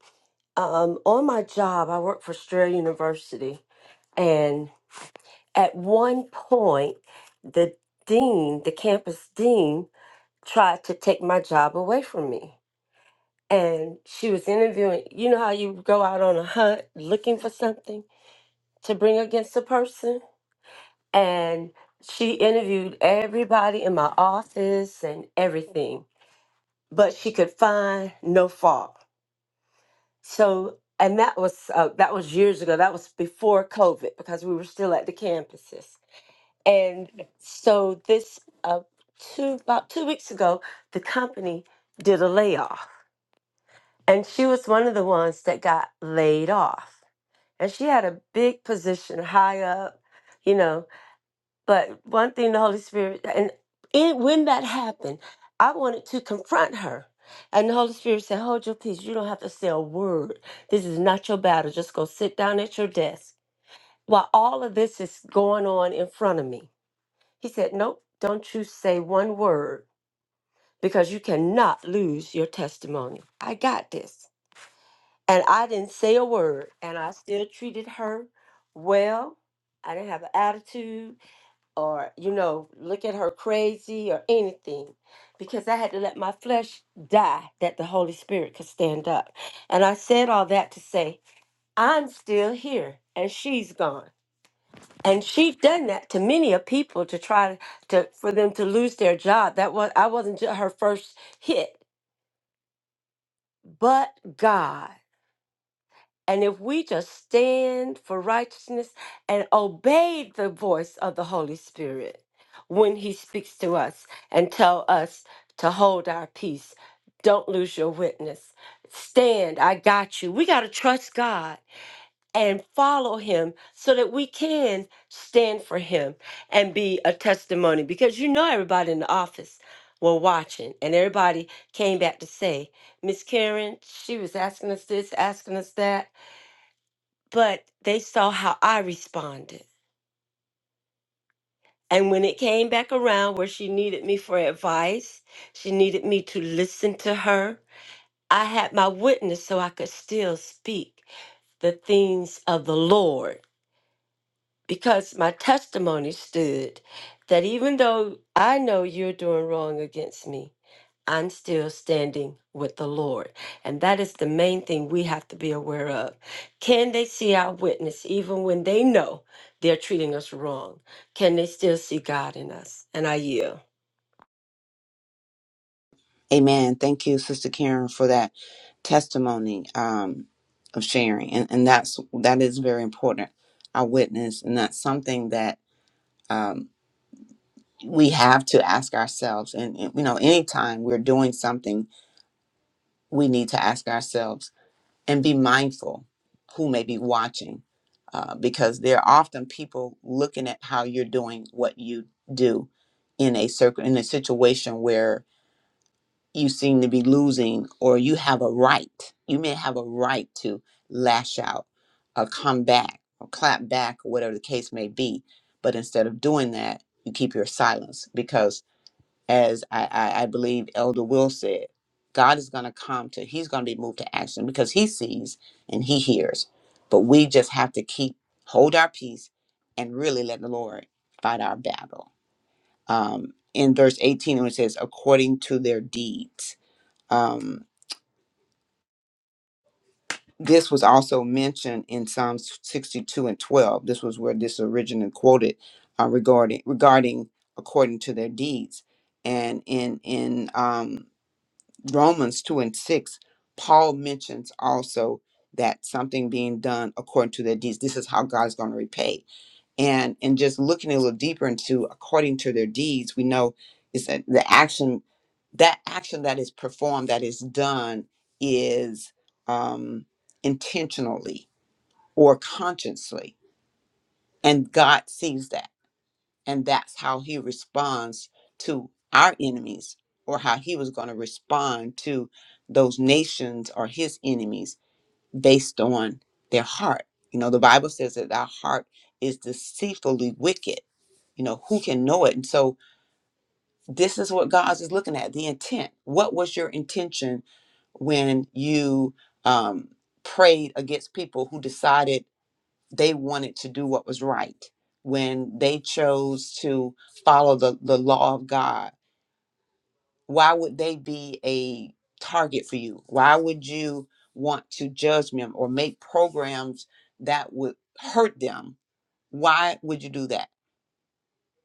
Speaker 9: Um, on my job, I work for Strayer University, and at one point, the dean of Embassy tried to take my job from me. And she was doing, you know how you go out on a hunt looking for something to bring against a person? And she interviewed everybody in my office and everything, but she could find no fault. So, and that was uh, that was years ago. That was before COVID because we were still at the campuses. And so, this uh, two about two weeks ago, the company did a layoff, and she was one of the ones that got laid off. And she had a big position high up, you know, but one thing the Holy Spirit, and it, when that happened, I wanted to confront her. And the Holy Spirit said, Hold your peace. You don't have to say a word. This is not your battle. Just go sit down at your desk while all of this is going on in front of me. He said, Nope, don't you say one word because you cannot lose your testimony. I got this. And I didn't say a word. And I still treated her well. I didn't have an attitude or you know look at her crazy or anything because i had to let my flesh die that the holy spirit could stand up and i said all that to say i'm still here and she's gone and she's done that to many of people to try to for them to lose their job that was i wasn't ju- her first hit but god And if we just stand for righteousness and obey the voice of the Holy Spirit when he speaks to us and tell us to hold our peace, don't lose your witness. Stand, I got you. We got to trust God and follow him so that we can stand for him and be a testimony because you know everybody in the office were watching and everybody came back to say, Miss Karen, she was asking us this, asking us that but they saw how I responded. And when it came back around where she needed me for advice, she needed me to listen to her, I had my witness so I could still speak the things of the Lord because my testimony stood that even though I know you're doing wrong against me, I'm still standing with the Lord. And that is the main thing we have to be aware of. Can they see our witness even when they know they're treating us wrong? Can they still see God in us? And I yield.
Speaker 2: Amen. Thank you, Sister Karen, for that testimony um, of sharing, and and that's that is very important. Our witness, and that's something that um, we have to ask ourselves. And, and you know, anytime we're doing something, we need to ask ourselves and be mindful who may be watching, uh, because there are often people looking at how you're doing what you do in a circle in a situation where you seem to be losing or you have a right you may have a right to lash out or come back or clap back or whatever the case may be but instead of doing that you keep your silence because as i, I, I believe elder will said god is going to come to he's going to be moved to action because he sees and he hears but we just have to keep hold our peace and really let the lord fight our battle um, in verse 18 when it says according to their deeds um, this was also mentioned in Psalms 62 and 12. This was where this originally quoted uh, regarding regarding according to their deeds. And in in um, Romans 2 and 6, Paul mentions also that something being done according to their deeds. This is how God's going to repay. and and just looking a little deeper into according to their deeds we know is that the action that action that is performed that is done is um intentionally or consciously and god sees that and that's how he responds to our enemies or how he was going to respond to those nations or his enemies based on their heart. You know, the Bible says that our heart is deceitfully wicked. You know, who can know it? And so this is what God is looking at the intent. What was your intention when you um, prayed against people who decided they wanted to do what was right, when they chose to follow the, the law of God? why would they be a target for you? Why would you want to judge them or make programs that would hurt them? Why would you do that?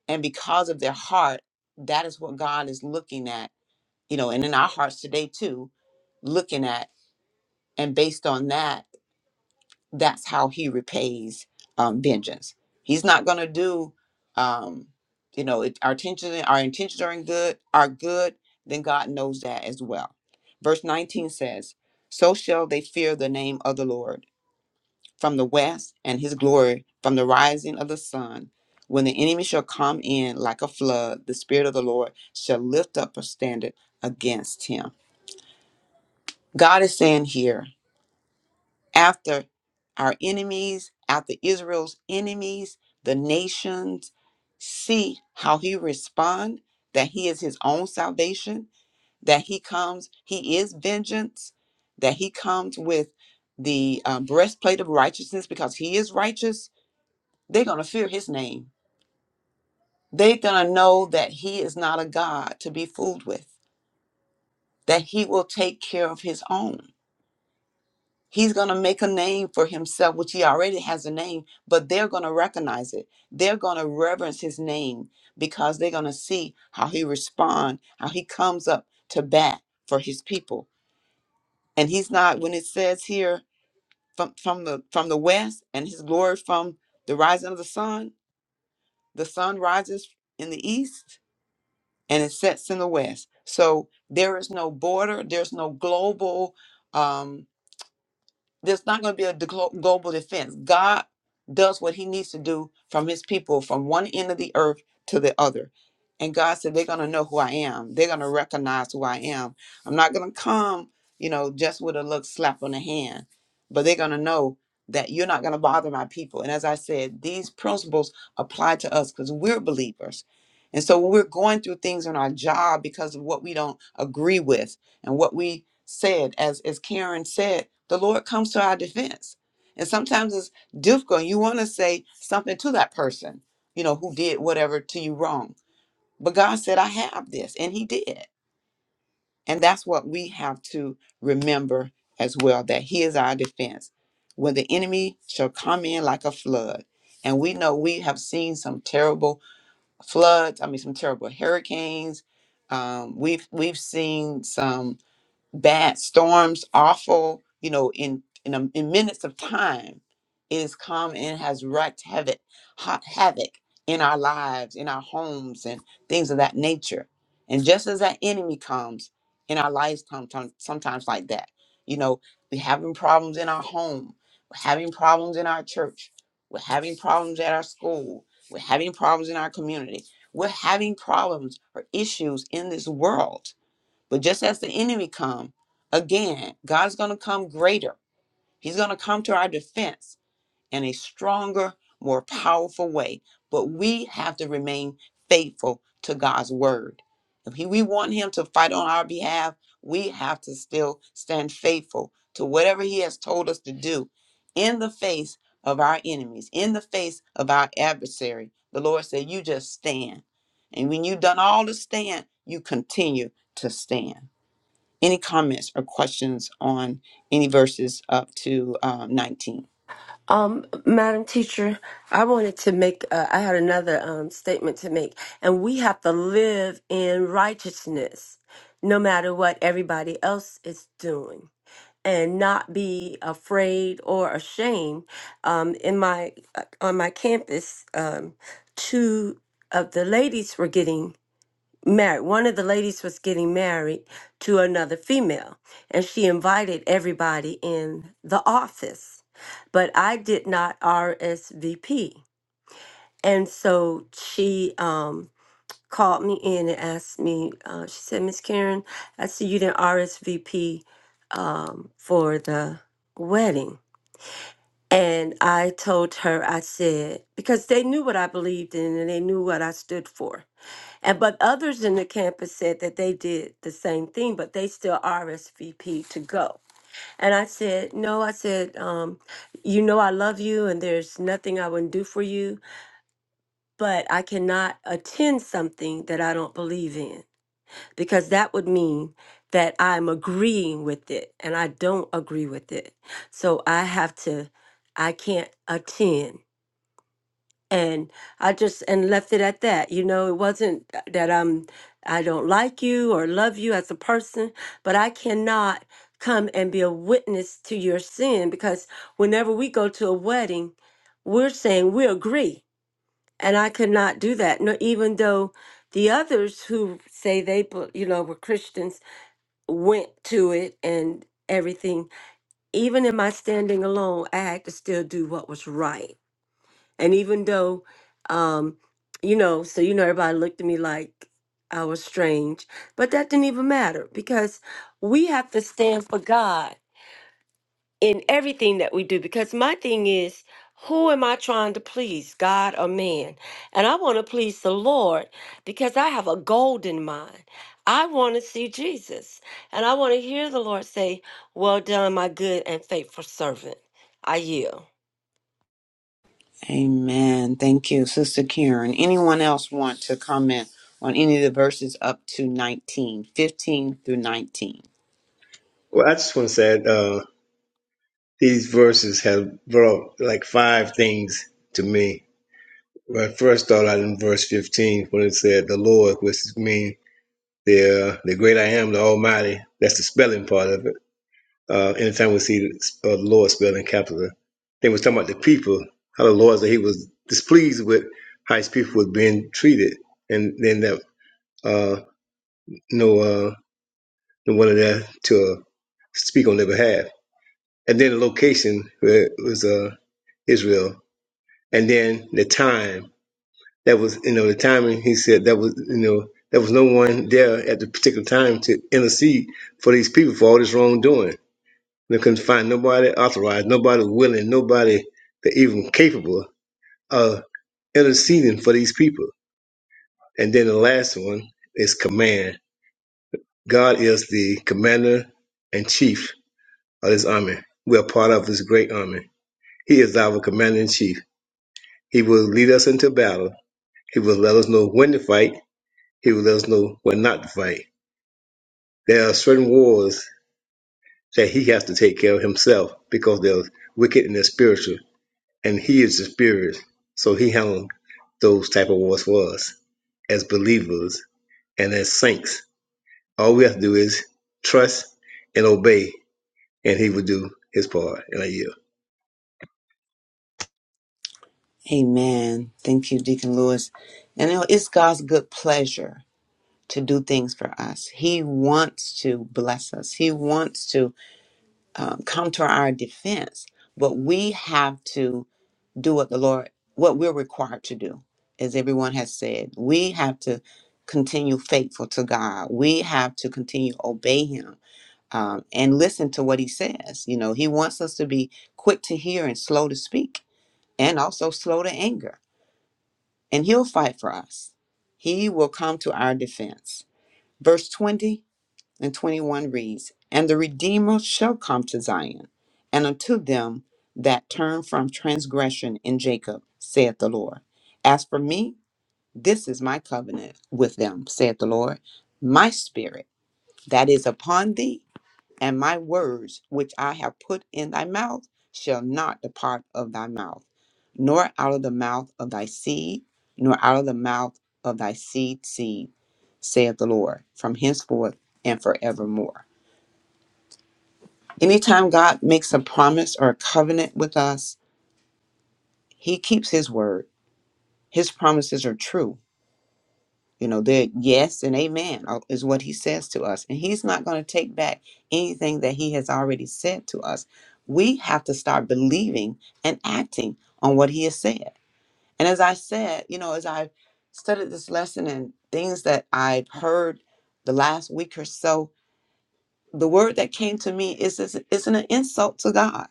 Speaker 2: And because of their heart, that is what God is looking at, you know, and in our hearts today too, looking at. And based on that, that's how he repays um, vengeance. He's not going to do, um, you know, it, our intentions our intentions are in good are good. Then God knows that as well. Verse nineteen says, "So shall they fear the name of the Lord from the west, and His glory from the rising of the sun." When the enemy shall come in like a flood, the Spirit of the Lord shall lift up a standard against him. God is saying here after our enemies, after Israel's enemies, the nations, see how he respond, that he is his own salvation, that he comes, he is vengeance, that he comes with the uh, breastplate of righteousness because he is righteous. They're going to fear his name. They're going to know that he is not a God to be fooled with, that he will take care of his own He's going to make a name for himself, which he already has a name, but they're going to recognize it. They're going to reverence his name because they're going to see how he responds, how he comes up to bat for his people. And he's not when it says here from from the from the west and his glory from the rising of the sun, the sun rises in the east and it sets in the west. So there is no border, there's no global um there's not going to be a deglo- global defense. God does what he needs to do from his people from one end of the earth to the other. And God said, they're going to know who I am. They're going to recognize who I am. I'm not going to come, you know, just with a look slap on the hand, but they're going to know that you're not going to bother my people. And as I said, these principles apply to us because we're believers. And so when we're going through things on our job because of what we don't agree with and what we said, as as Karen said, the Lord comes to our defense. And sometimes it's difficult. You want to say something to that person, you know, who did whatever to you wrong. But God said, I have this, and He did. And that's what we have to remember as well that He is our defense. When the enemy shall come in like a flood, and we know we have seen some terrible floods, I mean, some terrible hurricanes. Um, we've we've seen some bad storms, awful, you know, in in, a, in minutes of time, is come and has wreaked havoc, hot havoc in our lives, in our homes, and things of that nature. And just as that enemy comes in our lives, sometimes, sometimes like that, you know, we're having problems in our home, we're having problems in our church, we're having problems at our school, we're having problems in our community, we're having problems or issues in this world but just as the enemy come, again, God's going to come greater. He's going to come to our defense in a stronger, more powerful way. But we have to remain faithful to God's word. If he, we want him to fight on our behalf, we have to still stand faithful to whatever he has told us to do in the face of our enemies, in the face of our adversary. The Lord said, You just stand. And when you've done all to stand, you continue to stand. Any comments or questions on any verses up to um, 19?
Speaker 9: Um, Madam Teacher, I wanted to make, uh, I had another um, statement to make, and we have to live in righteousness no matter what everybody else is doing. and not be afraid or ashamed. Um, in my uh, on my campus, um, two of the ladies were getting married. One of the ladies was getting married to another female, and she invited everybody in the office. But I did not RSVP, and so she. Um, called me in and asked me, uh, she said, Miss Karen, I see you didn't RSVP um, for the wedding. And I told her, I said, because they knew what I believed in and they knew what I stood for. And but others in the campus said that they did the same thing, but they still RSVP to go. And I said, no, I said, um, you know, I love you and there's nothing I wouldn't do for you, but I cannot attend something that I don't believe in because that would mean that I'm agreeing with it and I don't agree with it. So I have to, I can't attend. And I just, and left it at that. You know, it wasn't that I'm, I don't like you or love you as a person, but I cannot come and be a witness to your sin because whenever we go to a wedding, we're saying we agree. And I could not do that, no, even though the others who say they, bel- you know, were Christians went to it and everything. Even in my standing alone, I had to still do what was right. And even though, um, you know, so you know, everybody looked at me like I was strange, but that didn't even matter because we have to stand for God in everything that we do because my thing is who am I trying to please, God or man? And I want to please the Lord because I have a golden mind. I want to see Jesus and I want to hear the Lord say, Well done, my good and faithful servant. I yield.
Speaker 2: Amen. Thank you, Sister Karen. Anyone else want to comment on any of the verses up to 19, 15 through 19?
Speaker 1: Well, I just want to say, uh, These verses have brought like five things to me. I first thought out in verse 15 when it said the Lord, which means the uh, the great I am, the Almighty. That's the spelling part of it. Uh, anytime we see the uh, Lord spelled in capital, they was talking about the people, how the Lord that He was displeased with how His people was being treated, and then that uh, no uh, no one of that to uh, speak on their behalf, and then the location where it was uh, Israel and then the time that was you know the timing he said that was you know there was no one there at the particular time to intercede for these people for all this wrongdoing they couldn't find nobody authorized nobody willing nobody that even capable of interceding for these people and then the last one is command god is the commander and chief of this army we are part of this great army he is our commander in chief he will lead us into battle he will let us know when to fight He will let us know when not to fight. There are certain wars that he has to take care of himself because they're wicked and they're spiritual, and he is the spirit. So he handled those type of wars for us as believers and as saints. All we have to do is trust and obey, and he will do his part. And I yield.
Speaker 2: Amen. Thank you, Deacon Lewis. And you know, it's God's good pleasure to do things for us. He wants to bless us, He wants to um, come to our defense, but we have to. do what the Lord, what we're required to do. As everyone has said, we have to continue faithful to God. We have to continue obey Him um, and listen to what He says. You know, He wants us to be quick to hear and slow to speak, and also slow to anger. And He'll fight for us. He will come to our defense. Verse twenty and 21 reads, And the Redeemer shall come to Zion, and unto them that turn from transgression in Jacob, saith the Lord. As for me, this is my covenant with them, saith the Lord. My spirit that is upon thee, and my words which I have put in thy mouth, shall not depart of thy mouth, nor out of the mouth of thy seed, nor out of the mouth of thy seed seed, saith the Lord, from henceforth and forevermore. Anytime God makes a promise or a covenant with us, He keeps His word. His promises are true. You know, they're yes and amen uh, is what He says to us. And He's not going to take back anything that He has already said to us. We have to start believing and acting on what He has said. And as I said, you know, as I've studied this lesson and things that I've heard the last week or so, the word that came to me is, is is an insult to God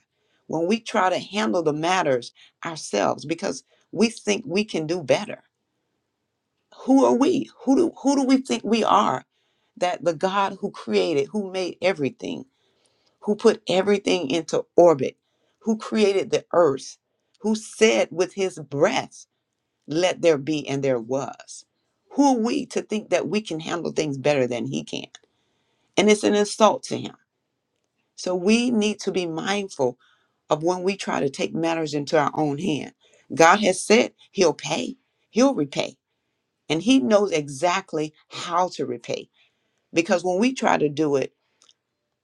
Speaker 2: when we try to handle the matters ourselves because we think we can do better. Who are we? Who do who do we think we are that the God who created, who made everything, who put everything into orbit, who created the earth, who said with his breath, let there be and there was. Who are we to think that we can handle things better than he can? And it's an insult to him. So we need to be mindful of when we try to take matters into our own hand. God has said he'll pay, he'll repay, and he knows exactly how to repay. Because when we try to do it,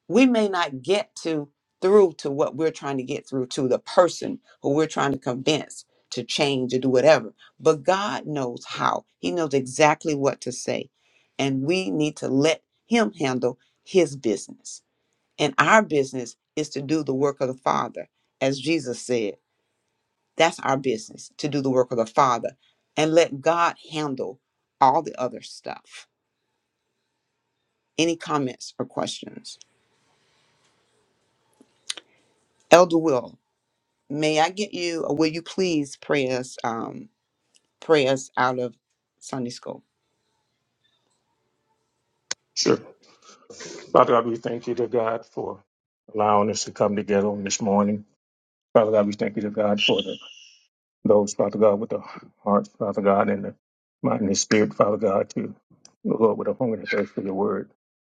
Speaker 2: we may not get to through to what we're trying to get through to the person who we're trying to convince to change or do whatever. But God knows how. He knows exactly what to say. And we need to let him handle his business. And our business is to do the work of the Father, as Jesus said. That's our business to do the work of the Father and let God handle all the other stuff. Any comments or questions? Elder Will, may I get you, or will you please pray us, um, pray us out of Sunday school?
Speaker 6: sure. Father God, we thank you to God for allowing us to come together on this morning. Father God, we thank you to God for the, those, Father God, with the hearts, Father God, and the mind and the spirit, Father God, to Lord, with a hunger and thirst for your word.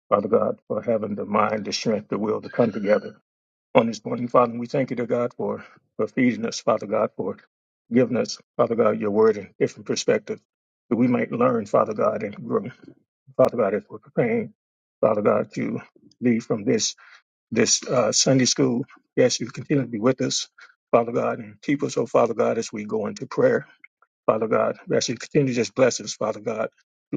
Speaker 6: Father God, for having the mind, the strength, the will to come together on this morning, Father. And we thank you, dear God, for, for feeding us, Father God, for giving us, Father God, your word and different perspectives that we might learn, Father God, and grow. Father God, as we're preparing, Father God, to leave from this this uh, Sunday school, yes, you continue to be with us, Father God, and keep us, oh Father God, as we go into prayer. Father God. We ask you to continue to just bless us, Father God,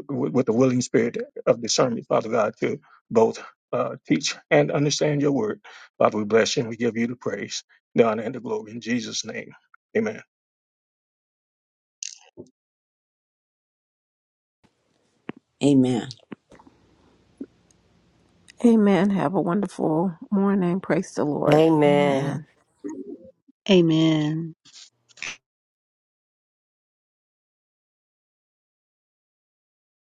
Speaker 6: with, with the willing spirit of discernment, Father God, to both uh, teach and understand your word. Father, we bless you and we give you the praise, the honor, and the glory in Jesus' name. Amen.
Speaker 2: Amen.
Speaker 10: Amen. Have a wonderful morning. Praise the Lord. Amen.
Speaker 5: Amen.